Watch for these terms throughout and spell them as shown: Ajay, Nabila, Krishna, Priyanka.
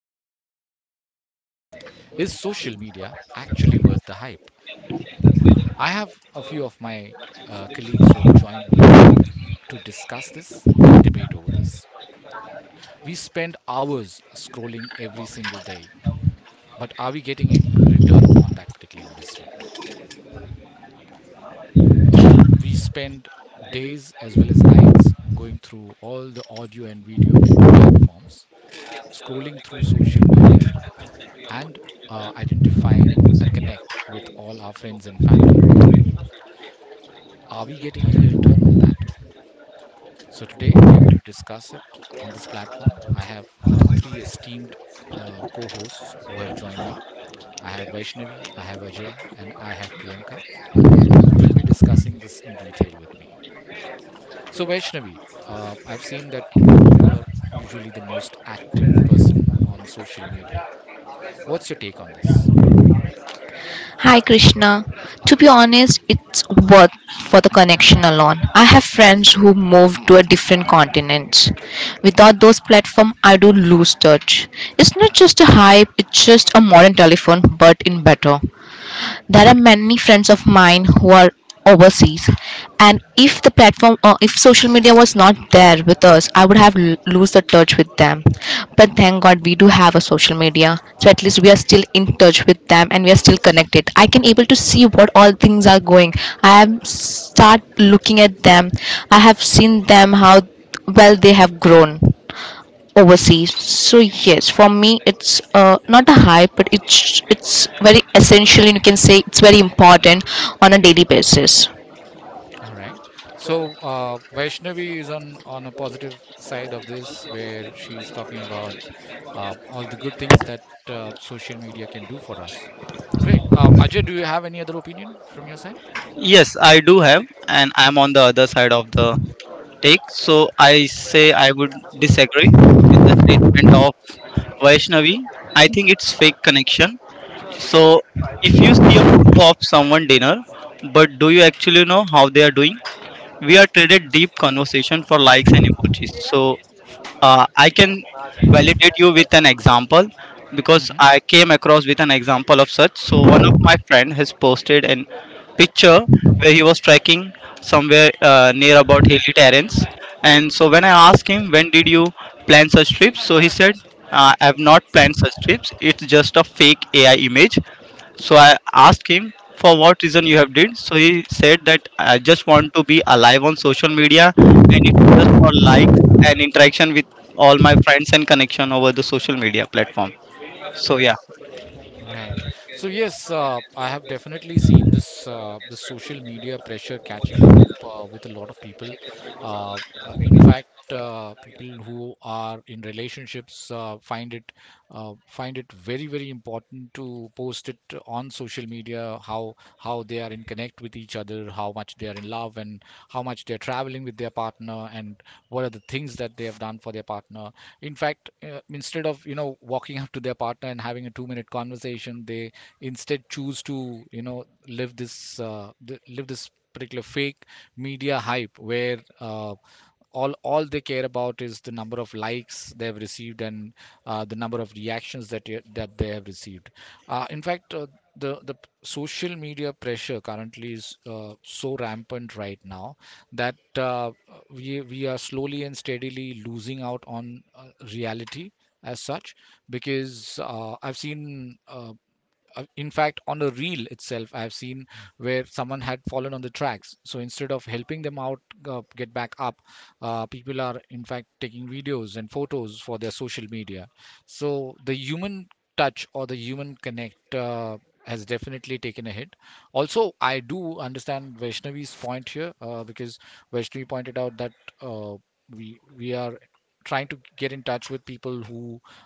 massive question. Is social media actually worth the hype? I have a few of my colleagues who have joined me to discuss this and debate over this. We spend hours scrolling every single day, but are we getting any return on that particular investment? Uh, we spend days as well as nights going through all the audio and video platforms scrolling through social media, and identifying a connect with all our friends and family. Are we getting any return on that? So, today we are going to discuss it on this platform. I have three esteemed co hosts who have joined me. I have Vaishnavi, I have Ajay, and I have Priyanka, who will be discussing this in detail with me. So, Vaishnavi, I've seen that you are usually the most active person on social media. What's your take on this? Hi Krishna. To be honest, it's worth for the connection alone. I have friends who moved to a different continent. Without those platforms, I do lose touch. It's not just a hype, it's just a modern telephone, but in better there are many friends of mine who are overseas, and if the platform or if social media was not there with us, I would have lose the touch with them. But thank God we do have a social media, so at least we are still in touch with them and we are still connected. I can able to see what all things are going. I have start looking at them. I have seen them how well they have grown overseas. So yes, for me it's not a hype, but it's very essential, and you can say it's very important on a daily basis. All right. So Vaishnavi is on a positive side of this, where she's talking about all the good things that social media can do for us. Great. Ajay, do you have any other opinion from your side? Yes, I do have, and I'm on the other side of the take. So I say I would disagree with the statement of Vaishnavi. I think it's fake connection. So if you see a photo of someone dinner, but do you actually know how they are doing? We are traded deep conversation for likes and emojis. So I can validate you with an example because hmm I came across with an example of such. So one of my friend has posted an picture where he was trekking somewhere near about hilly terrains. And so when I asked him when did you plan such trips, so he said I have not planned such trips. It's just a fake AI image. So I asked him for what reason you have did. So he said that I just want to be alive on social media and it's just for likes and interaction with all my friends and connection over the social media platform. So yeah. Right. So yes, I have definitely seen this the social media pressure catching up with a lot of people. Uh, uh, in fact, People who are in relationships find it very very important to post it on social media how they are in connect with each other, how much they are in love, and how much they are traveling with their partner, and what are the things that they have done for their partner. In fact, instead of you know walking up to their partner and having a 2-minute conversation, they instead choose to you know live this live this particular fake media hype where all they care about is the number of likes they have received, and the number of reactions that that they have received. In fact The social media pressure currently is so rampant right now that we are slowly and steadily losing out on reality as such, because I've seen in fact on a reel itself I have seen where someone had fallen on the tracks, so instead of helping them out get back up, people are in fact taking videos and photos for their social media. So the human touch or the human connect has definitely taken a hit. Also, I do understand Vaishnavi's point here, because Vaishnavi pointed out that uh, we are trying to get in touch with people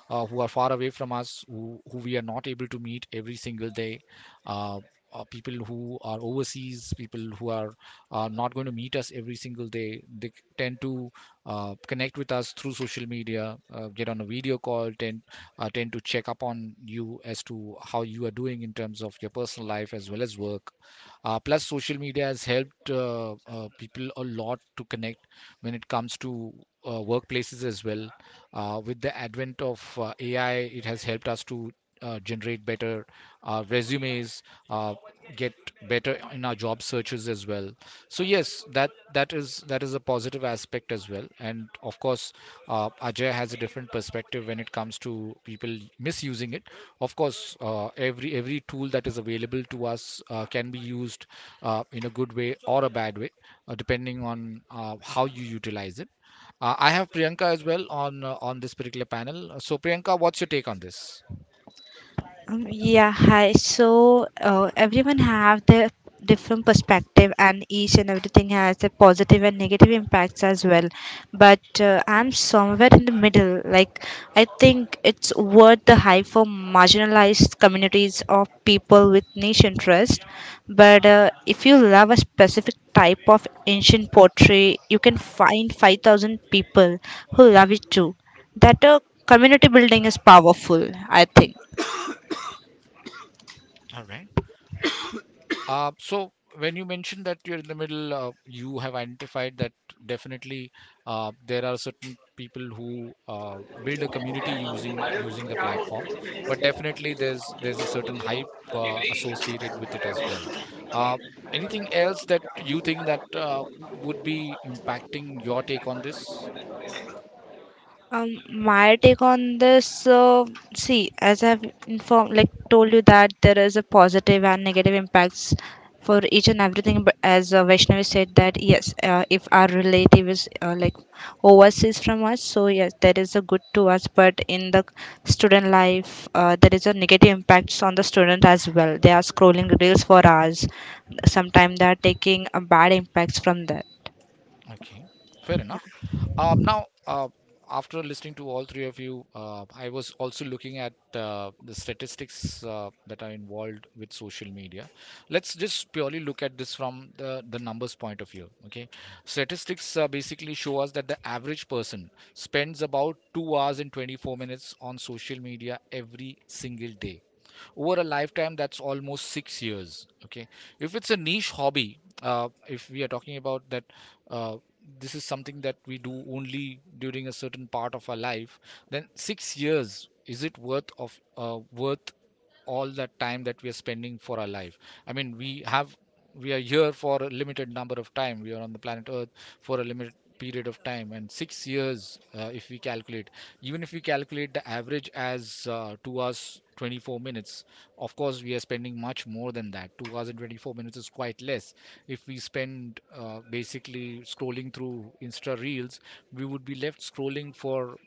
who are far away from us, who we are not able to meet every single day, uh, people who are overseas, people who are not going to meet us every single day. They tend to connect with us through social media, get on a video call, tend to check up on you as to how you are doing in terms of your personal life as well as work. Plus, social media has helped people a lot to connect when it comes to workplaces as well. With the advent of AI, it has helped us to generate better resumes, uh, get better in our job searches as well. So yes, that is that is a positive aspect as well, and of course Ajay has a different perspective when it comes to people misusing it. Of course, every tool that is available to us can be used in a good way or a bad way, depending on how you utilize it. I have Priyanka as well on this particular panel. So Priyanka, what's your take on this? Yeah, hi. So everyone have their different perspective, and each and everything has a positive and negative impacts as well. But I'm somewhere in the middle. Like I think it's worth the hype for marginalized communities of people with niche interest. But if you love a specific type of ancient pottery, you can find 5,000 people who love it too. That community building is powerful, I think. All right. So when you mentioned that you're in the middle, you have identified that definitely there are certain people who build a community using the platform, but definitely there's a certain hype associated with it as well. Uh, Anything else that you think that would be impacting your take on this? My take on this, see, as I've informed, like told you that there is a positive and negative impacts for each and everything. But as Vaishnavi said that yes, if our relative is like overseas from us, so yes, that is a good to us. But in the student life, there is a negative impacts on the student as well. They are scrolling reels for hours. Sometimes they are taking a bad impacts from that. Okay, fair enough. Uh, now, uh, After listening to all three of you, I was also looking at the statistics that are involved with social media. Let's just purely look at this from the numbers point of view. Okay, statistics basically show us that the average person spends about 2 hours and 24 minutes on social media every single day. Over a lifetime, that's almost 6 years. Okay, if it's a niche hobby, if we are talking about that, uh, this is something that we do only during a certain part of our life. Then 6 years, is it worth of worth all that time that we are spending for our life? I mean, we are here for a limited number of time, we are on the planet earth for a limited period of time, and 6 years, if we calculate even if we calculate the average as 2 hours 24 minutes. Of course we are spending much more than that. 2 hours and 24 minutes is quite less if we spend basically scrolling through insta reels. We would be left scrolling for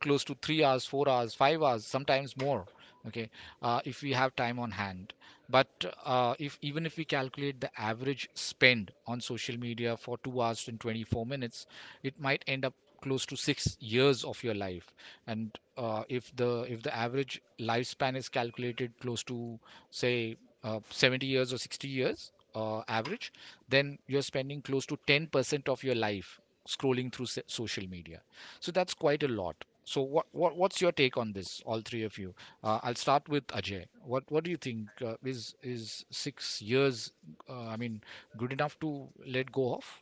close to 3 hours, 4 hours, 5 hours, sometimes more. Okay, if we have time on hand. But if even if we calculate the average spend on social media for 2 hours and 24 minutes, it might end up close to 6 years of your life. And if the average lifespan is calculated close to say 70 years or 60 years average, then you're spending close to 10% of your life scrolling through social media. So that's quite a lot. So what's your take on this, all three of you? I'll start with Ajay. What do you think is 6 years Uh, I mean, good enough to let go of?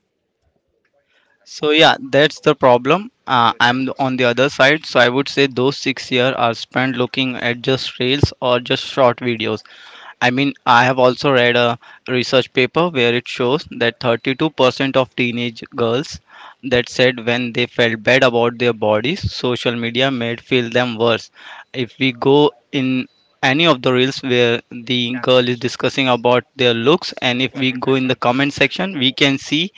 So yeah, that's the problem. I'm on the other side, so I would say those 6 years are spent looking at just reels or just short videos. I mean, I have also read a research paper where it shows that 32% of teenage girls that said when they felt bad about their bodies, social media made feel them worse. If we go in any of the reels where the girl is discussing about their looks, and if we go in the comment section, we can see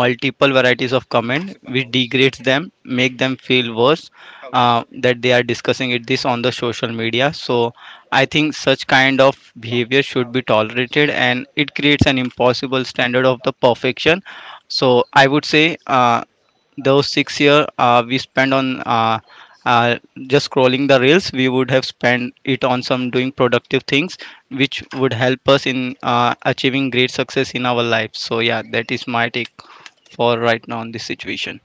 multiple varieties of comment which degrades them, make them feel worse that they are discussing it this on the social media. So I think such kind of behavior should be tolerated and it creates an impossible standard of the perfection. So I would say those 6 year we spent on uh, just scrolling the reels, we would have spent it on some doing productive things which would help us in achieving great success in our life. So yeah, that is my take for right now on this situation.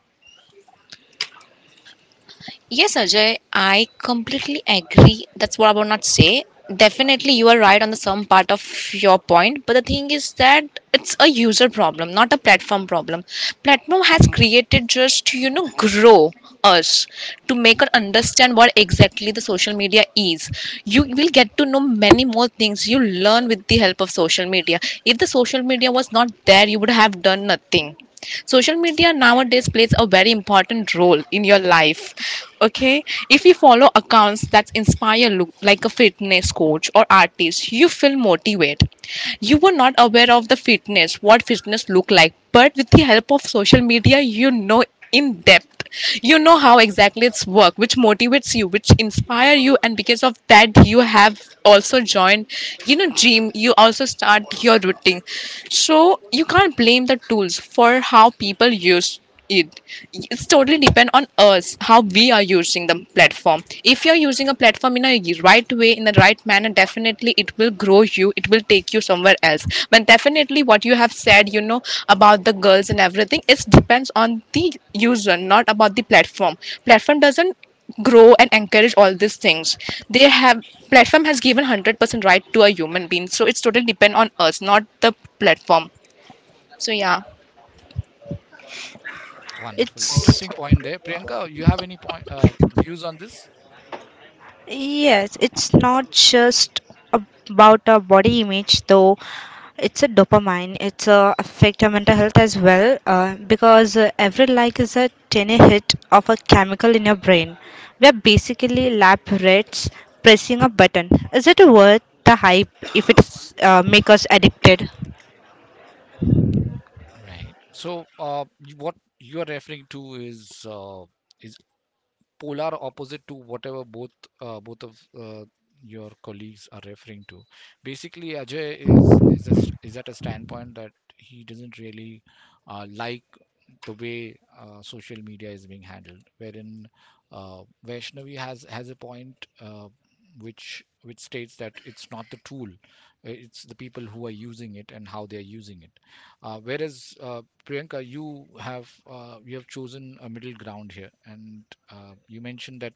Yes, Ajay, I completely agree. That's what I would not say. Definitely, you are right on the some part of your point, but the thing is that it's a user problem, not a platform problem. Platform has created just to, you know, grow us to make us understand what exactly the social media is. You will get to know many more things you learn with the help of social media. If the social media was not there, you would have done nothing. Social media nowadays plays a very important role in your life. Okay, if you follow accounts that inspire, look like a fitness coach or artist, you feel motivated. You were not aware of the fitness, what fitness look like, but with the help of social media you know in depth, you know how exactly it's work, which motivates you, which inspire you, and because of that you have also joined, you know, gym, you also start your routine. So you can't blame the tools for how people use it. It's totally depend on us how we are using the platform. If you're using a platform in a right way, in the right manner, definitely it will grow you, it will take you somewhere else. But definitely what you have said, you know, about the girls and everything, it depends on the user, not about the platform. Platform doesn't grow and encourage all these things. They have platform has given 100% right to a human being, so it's totally depend on us, not the platform. So yeah. Wonderful, It's interesting point there, Priyanka. You have any point views on this? yes, it's not just about our body image though. It's a dopamine. It's a affect our mental health as well because every like is a tiny hit of a chemical in your brain. We are basically lab rats pressing a button. Is it worth the hype if it's make us addicted? Right. So what you are referring to is is polar opposite to whatever both both of your colleagues are referring to. Basically, Ajay is at a standpoint that he doesn't really like the way social media is being handled, wherein Vaishnavi has a point which states that it's not the tool, it's the people who are using it and how they are using it. Whereas Priyanka, you have chosen a middle ground here, and you mentioned that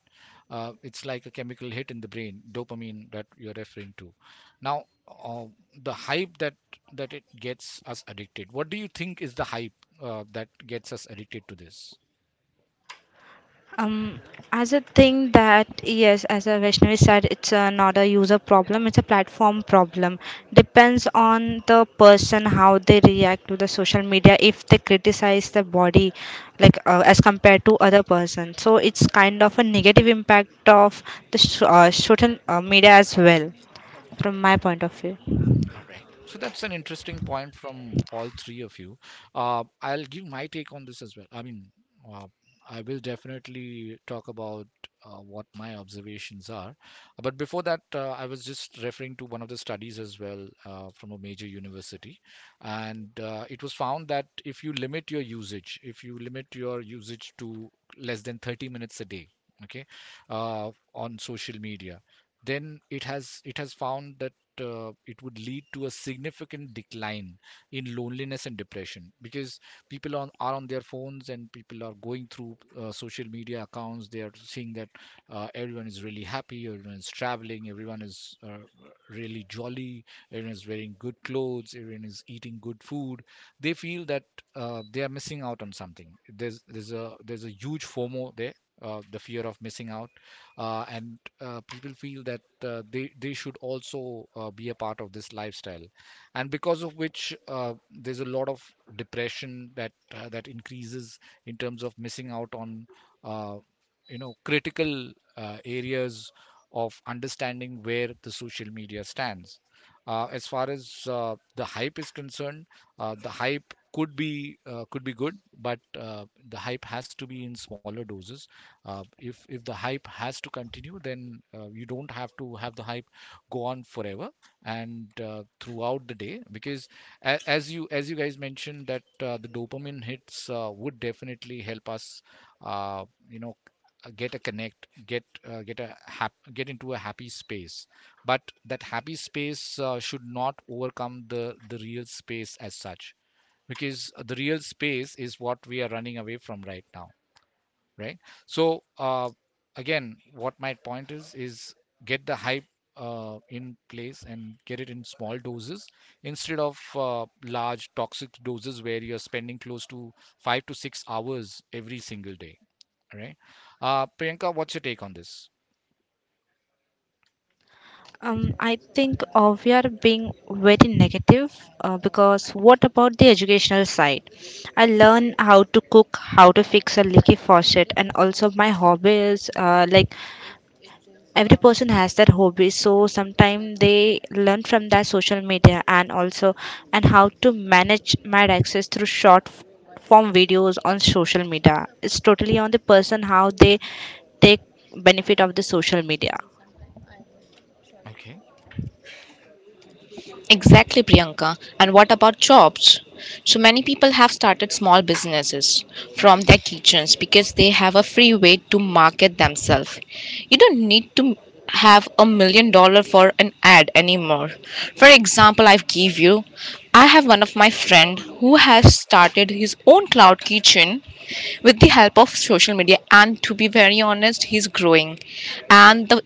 it's like a chemical hit in the brain, dopamine that you're referring to. Now, the hype that it gets us addicted. What do you think is the hype that gets us addicted to this? Um, as a thing that yes, as a Vaishnavi said, it's not a user problem; it's a platform problem. Depends on the person how they react to the social media. If they criticize the body, like as compared to other person, so it's kind of a negative impact of the social media as well, from my point of view. All right. So that's an interesting point from all three of you. I'll give my take on this as well. I mean, uh, I will definitely talk about what my observations are. But before that, I was just referring to one of the studies as well from a major university. And it was found that if you limit your usage, if you limit your usage to less than 30 minutes a day, okay, on social media, then it has found it would lead to a significant decline in loneliness and depression, because people on are on their phones and people are going through social media accounts. They are seeing that everyone is really happy, everyone is traveling, everyone is really jolly, everyone is wearing good clothes, everyone is eating good food. They feel that they are missing out on something. There's a huge FOMO there, the fear of missing out, and people feel that they should also be a part of this lifestyle, and because of which there's a lot of depression that that increases in terms of missing out on uh, you know critical areas of understanding where the social media stands. As far as the hype is concerned, the hype could be good, but the hype has to be in smaller doses. If the hype has to continue then you don't have to have the hype go on forever and throughout the day because as you guys mentioned that the dopamine hits would definitely help us, uh, you know get a connect, get a get into a happy space. But that happy space should not overcome the real space as such because the real space is what we are running away from right now, right? So again what my point is get the hype in place and get it in small doses instead of large toxic doses where you're spending close to 5 to 6 hours every single day, right? Priyanka, what's your take on this? I think we are being very negative because what about the educational side? I learn how to cook, how to fix a leaky faucet, and also my hobbies. Like every person has their hobby, so sometimes they learn from their social media and also and how to manage my access through form videos on social media. It's totally on the person how they take benefit of the social media. Okay. Exactly, Priyanka. And what about jobs? So many people have started small businesses from their kitchens because they have a free way to market themselves. You don't need to have $1 million for an ad anymore. For example, I give you I have one of my friend who has started his own cloud kitchen with the help of social media, and to be very honest, he's growing. And the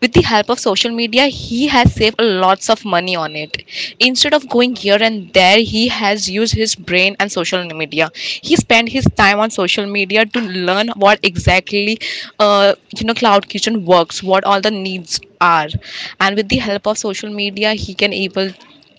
with the help of social media, he has saved lots of money on it. Instead of going here and there, he has used his brain and social media. He spent his time on social media to learn what exactly, you know, cloud kitchen works, what all the needs are. And with the help of social media, he can able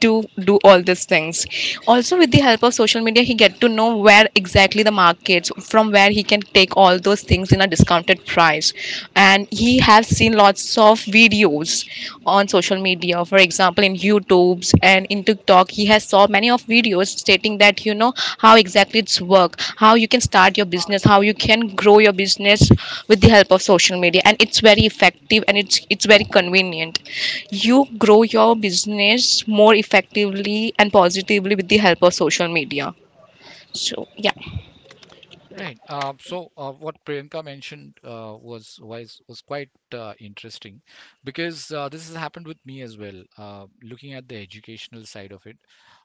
to do all these things. Also with the help of social media, he get to know where exactly the markets from where he can take all those things in a discounted price. And he has seen lots of videos on social media, for example, in YouTubes and in TikTok. He has saw many of videos stating that, you know, how exactly it's work, how you can start your business, how you can grow your business with the help of social media, and it's very effective and it's very convenient. You grow your business more effectively and positively with the help of social media. So yeah. Right. So what Priyanka mentioned was was quite interesting because this has happened with me as well. Looking at the educational side of it,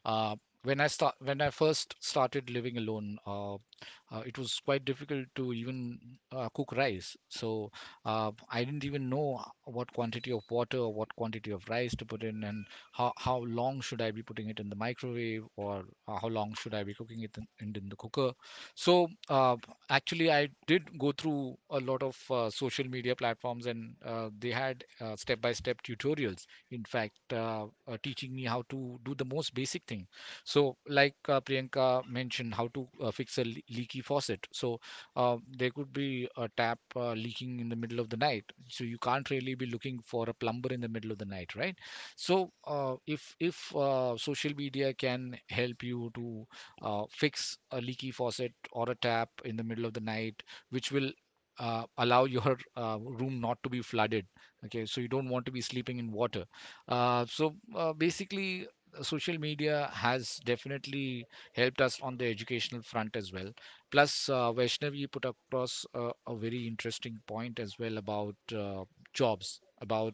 uh, when I first started living alone, it was quite difficult to even cook rice. So I didn't even know what quantity of water or what quantity of rice to put in, and how long should I be putting it in the microwave, or how long should I be cooking it in the cooker. So actually, I did go through a lot of social media platforms, and they had step-by-step tutorials. In fact, teaching me how to do the most basic thing. So, like Priyanka mentioned, how to fix a leaky faucet. So, there could be a tap leaking in the middle of the night. So, you can't really be looking for a plumber in the middle of the night, right? So, if social media can help you to fix a leaky faucet or a tap in the middle of the night, which will allow your room not to be flooded. Okay, so you don't want to be sleeping in water. So basically, social media has definitely helped us on the educational front as well. Plus, Vaishnav, you put across a very interesting point as well about jobs, about,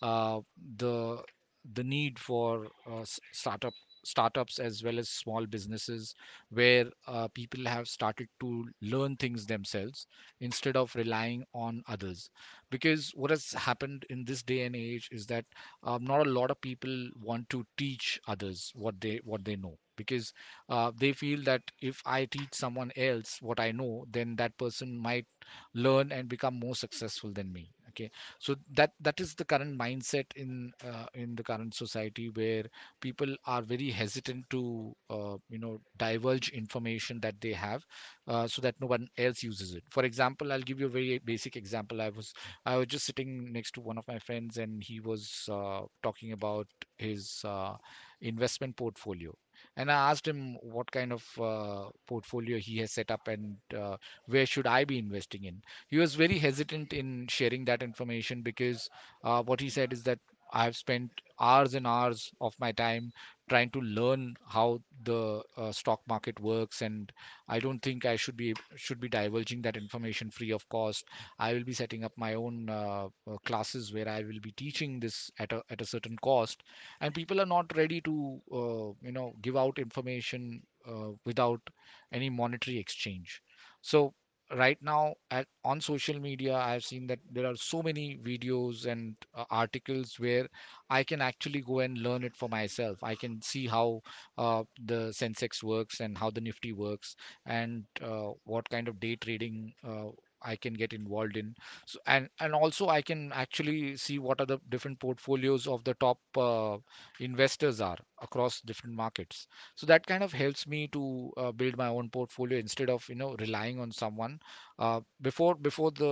uh, the the need for startups as well as small businesses where people have started to learn things themselves instead of relying on others because what has happened in this day and age is that, not a lot of people want to teach others what they know because they feel that if I teach someone else what I know, then that person might learn and become more successful than me. Okay, so that is the current mindset in the current society where people are very hesitant to divulge information that they have, so that no one else uses it. For example, I'll give you a very basic example. I was just sitting next to one of my friends and he was talking about his investment portfolio, and I asked him what kind of portfolio he has set up and uh, where should I be investing in. He was very hesitant in sharing that information because what he said is that I have spent hours and hours of my time trying to learn how the stock market works and I don't think I should be divulging that information free of cost. I will be setting up my own classes where I will be teaching this at at a certain cost, and people are not ready to give out information without any monetary exchange. So right now on social media I have seen that there are so many videos and articles where I can actually go and learn it for myself. I can see how the Sensex works and how the Nifty works and what kind of day trading I can get involved in. So, and also I can actually see what are the different portfolios of the top investors are across different markets. So that kind of helps me to build my own portfolio instead of you know relying on someone. Before the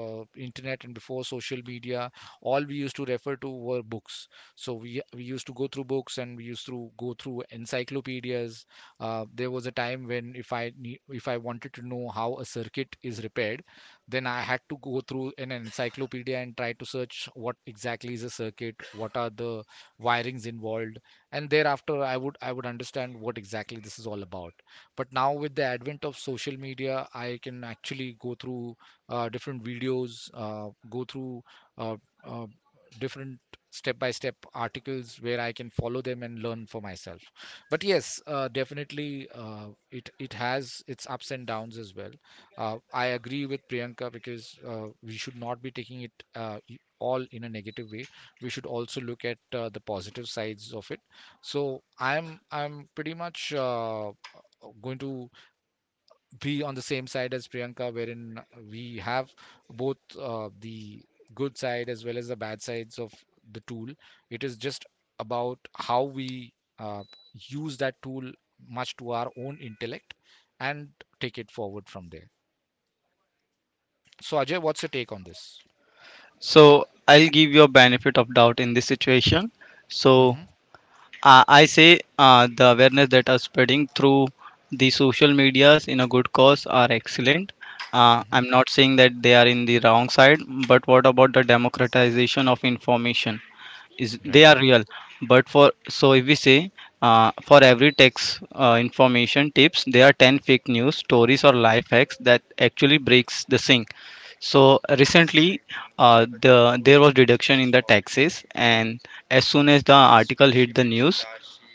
internet and before social media, all we used to refer to were books. So we used to go through books and we used to go through encyclopedias. There was a time when if I wanted to know how a circuit is repaired, then I had to go through an encyclopedia and try to search what exactly is a circuit, what are the wirings involved, and thereafter I would I would understand what exactly this is all about. But now with the advent of social media, I can actually go through different videos, go through uh, uh, different step by step articles where I can follow them and learn for myself. But yes, definitely it has its ups and downs as well. I agree with Priyanka because we should not be taking it all in a negative way. We should also look at the positive sides of it. So I'm pretty much going to be on the same side as Priyanka, wherein we have both the good side as well as the bad sides of the tool. It is just about how we uh, use that tool much to our own intellect and take it forward from there. So, Ajay, what's your take on this? So I'll give you a benefit of doubt in this situation. So Hmm. I say the awareness that are spreading through the social medias in a good cause are excellent. Hmm. I'm not saying that they are in the wrong side, but what about the democratization of information? Is they Right, are real, but for so if we say for every tax information tips there are 10 fake news stories or life hacks that actually breaks the sink. So recently, uh, the there was reduction in the taxes, and as soon as the article hit the news,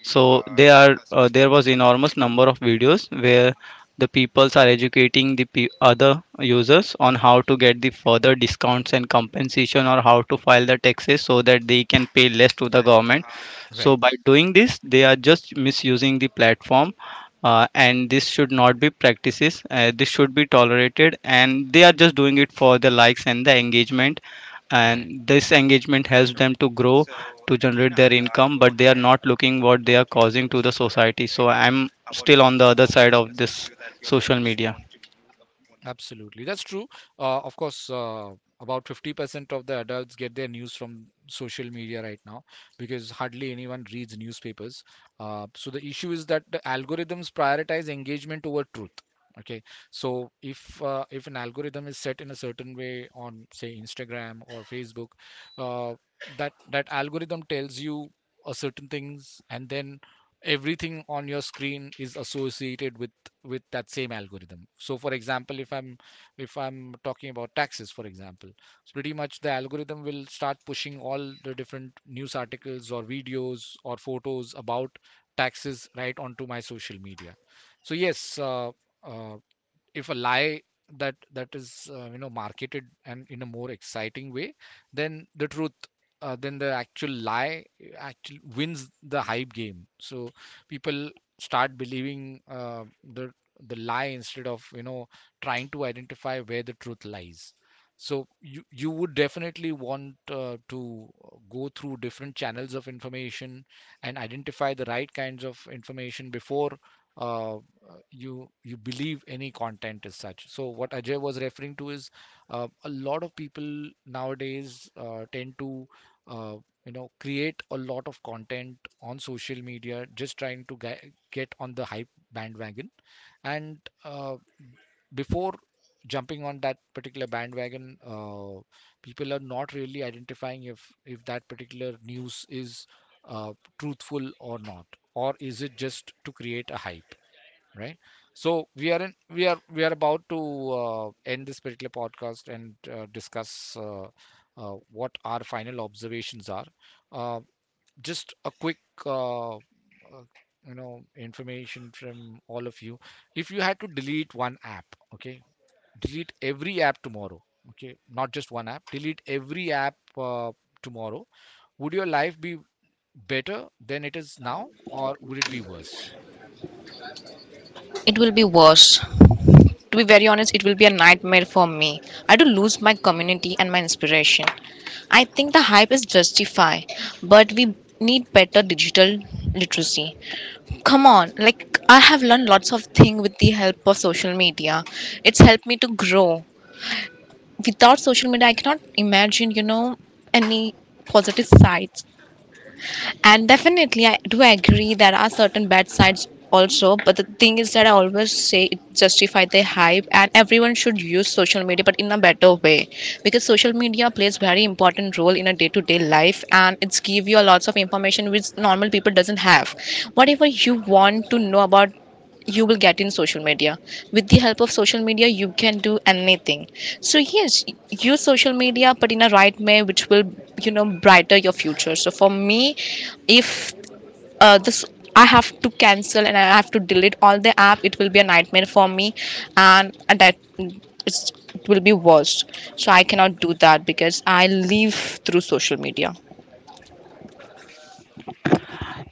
so there was enormous number of videos where the peoples are educating the other users on how to get the further discounts and compensation or how to file the taxes so that they can pay less to the government. So right, by doing this they are just misusing the platform, and this should not be practices. This should be tolerated and they are just doing it for the likes and the engagement, right. and this engagement helps them to grow, to generate their income, but they are not looking what they are causing to the society. So I'm still on the other side of this social media. Absolutely, that's true. Of course, about 50% of the adults get their news from social media right now because hardly anyone reads newspapers. So the issue is that the algorithms prioritize engagement over truth. Okay, so if if an algorithm is set in a certain way on, say, Instagram or Facebook, uh, that algorithm tells you a certain things, and then everything on your screen is associated with that same algorithm. So for example, if I'm talking about taxes, for example, so pretty much the algorithm will start pushing all the different news articles or videos or photos about taxes right onto my social media. So yes, uh, if a lie that is marketed and in a more exciting way then the truth, then the actual lie actually wins the hype game. So people start believing, the the lie instead of you know trying to identify where the truth lies. So you would definitely want to go through different channels of information and identify the right kinds of information before uh, you you believe any content is such. So what Ajay was referring to is a lot of people nowadays tend to uh, create a lot of content on social media, just trying to get on the hype bandwagon. And uh, before jumping on that particular bandwagon, people are not really identifying if that particular news is uh, truthful or not, or is it just to create a hype? Right, so we are about to end this particular podcast and discuss what our final observations are. uh, just a quick uh, uh, information from all of you: if you had to delete one app, okay, delete every app tomorrow, okay, not just one app, delete every app tomorrow, would your life be better than it is now, or would it be worse? It will be worse. To be very honest, it will be a nightmare for me. I do lose my community and my inspiration. I think the hype is justified, but we need better digital literacy. Come on, like I have learned lots of things with the help of social media. It's helped me to grow. Without social media, I cannot imagine, you know, any positive sides. And definitely, I do agree there are certain bad sides also. But the thing is that I always say it justify the hype, and everyone should use social media, but in a better way, because social media plays very important role in a day-to-day life, and it's give you a lots of information which normal people doesn't have. Whatever you want to know about, you will get in social media. With the help of social media, you can do anything. So yes, use social media, but in a right way, which will, you know, brighter your future. So for me, if this, I have to cancel and I have to delete all the app, it will be a nightmare for me. And that it will be worst. So I cannot do that because I live through social media.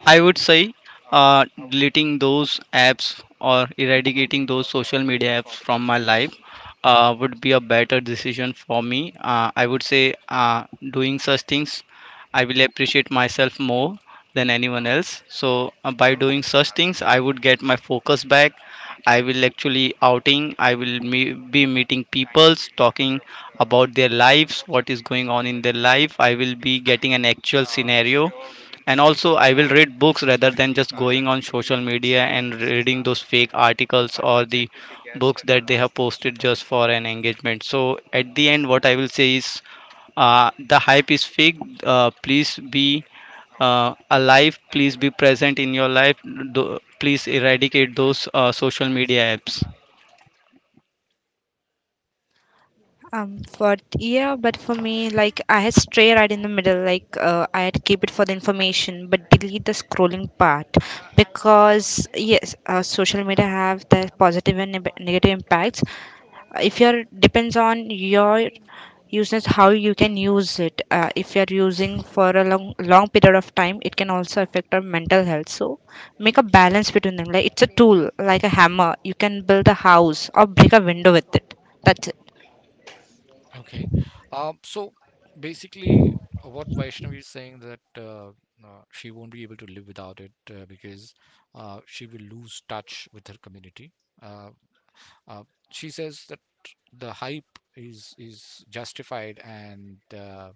I would say uh, deleting those apps or eradicating those social media apps from my life would be a better decision for me. I would say doing such things, I will appreciate myself more than anyone else. So by doing such things, I would get my focus back. I will actually outing. I will be meeting peoples, talking about their lives, what is going on in their life. I will be getting an actual scenario, and also I will read books rather than just going on social media and reading those fake articles or the books that they have posted just for an engagement. So at the end what I will say is the hype is fake. Please be alive, please be present in your life. Please eradicate those social media apps. But yeah, but for me, like I had stray right in the middle. Like I had keep it for the information, but delete the scrolling part because yes, social media have the positive and negative impacts. If you're depends on your users how you can use it. If you're using for a long long period of time, it can also affect our mental health. So make a balance between them. Like it's a tool, like a hammer. You can build a house or break a window with it. That's it. Okay. So basically, what Vaishnavi is saying that she won't be able to live without it because she will lose touch with her community. Uh, uh, she says that the hype is justified, and uh,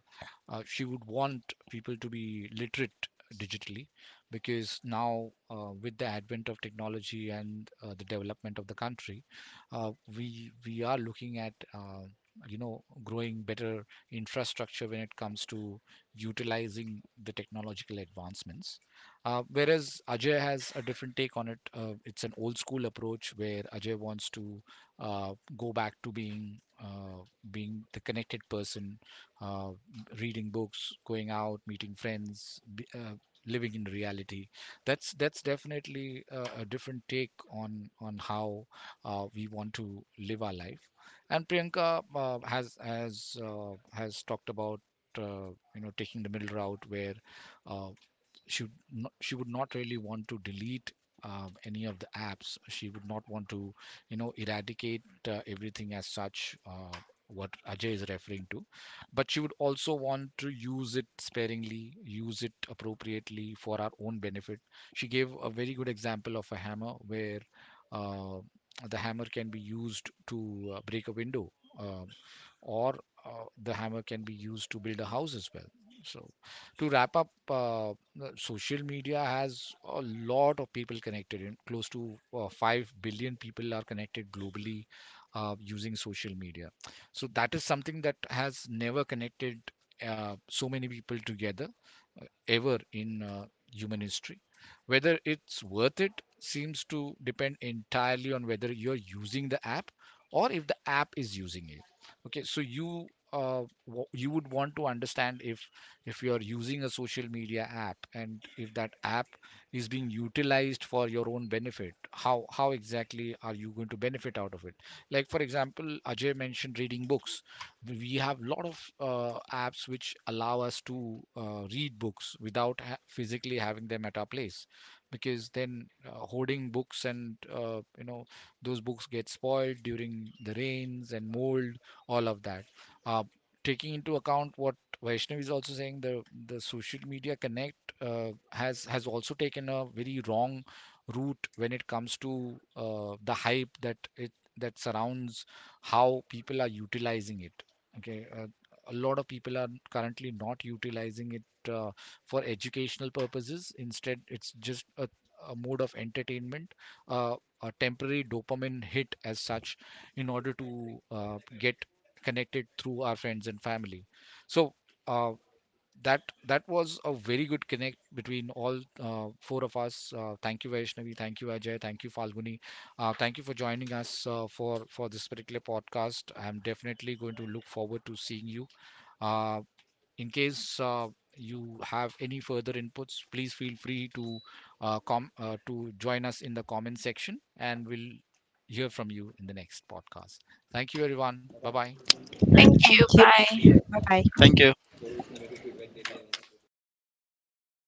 uh, she would want people to be literate digitally because now with the advent of technology and the development of the country, uh, we are looking at growing better infrastructure when it comes to utilizing the technological advancements, whereas Ajay has a different take on it. Uh, it's an old school approach where Ajay wants to go back to being being the connected person, uh, reading books, going out, meeting friends, living in reality. That's definitely a different take on how we want to live our life. And Priyanka has talked about, uh, you know, taking the middle route where uh, she, not, she would not really want to delete any of the apps. She would not want to, you know, eradicate everything as such, what Ajay is referring to, but she would also want to use it sparingly, use it appropriately for our own benefit. She gave a very good example of a hammer where uh, the hammer can be used to break a window, uh, or the hammer can be used to build a house as well. So, to wrap up, the social media has a lot of people connected in close to 5 billion people are connected globally using social media. So that is something that has never connected so many people together ever in human history. Whether it's worth it seems to depend entirely on whether you're using the app or if the app is using it. Okay, so you you would want to understand if you are using a social media app and if that app is being utilized for your own benefit, how exactly are you going to benefit out of it. Like for example, Ajay mentioned reading books. We have a lot of apps which allow us to read books without physically having them at our place, because then hoarding books and those books get spoiled during the rains and mold, all of that. uh, Taking into account what Vaishnavi is also saying, the social media connect has also taken a very wrong route when it comes to the hype that it that surrounds how people are utilizing it. Okay, a lot of people are currently not utilizing it for educational purposes. Instead, it's just a mode of entertainment, uh, a temporary dopamine hit as such, in order to get connected through our friends and family. So uh, that that was a very good connect between all four of us. Thank you, Vaishnavi. Thank you, Ajay. Thank you, Falguni. Thank you for joining us for this particular podcast. I'm definitely going to look forward to seeing you. Uh, in case you have any further inputs, please feel free to com to join us in the comment section, and we'll hear from you in the next podcast. Thank you, everyone. Bye bye. Thank you. Bye bye. Thank you.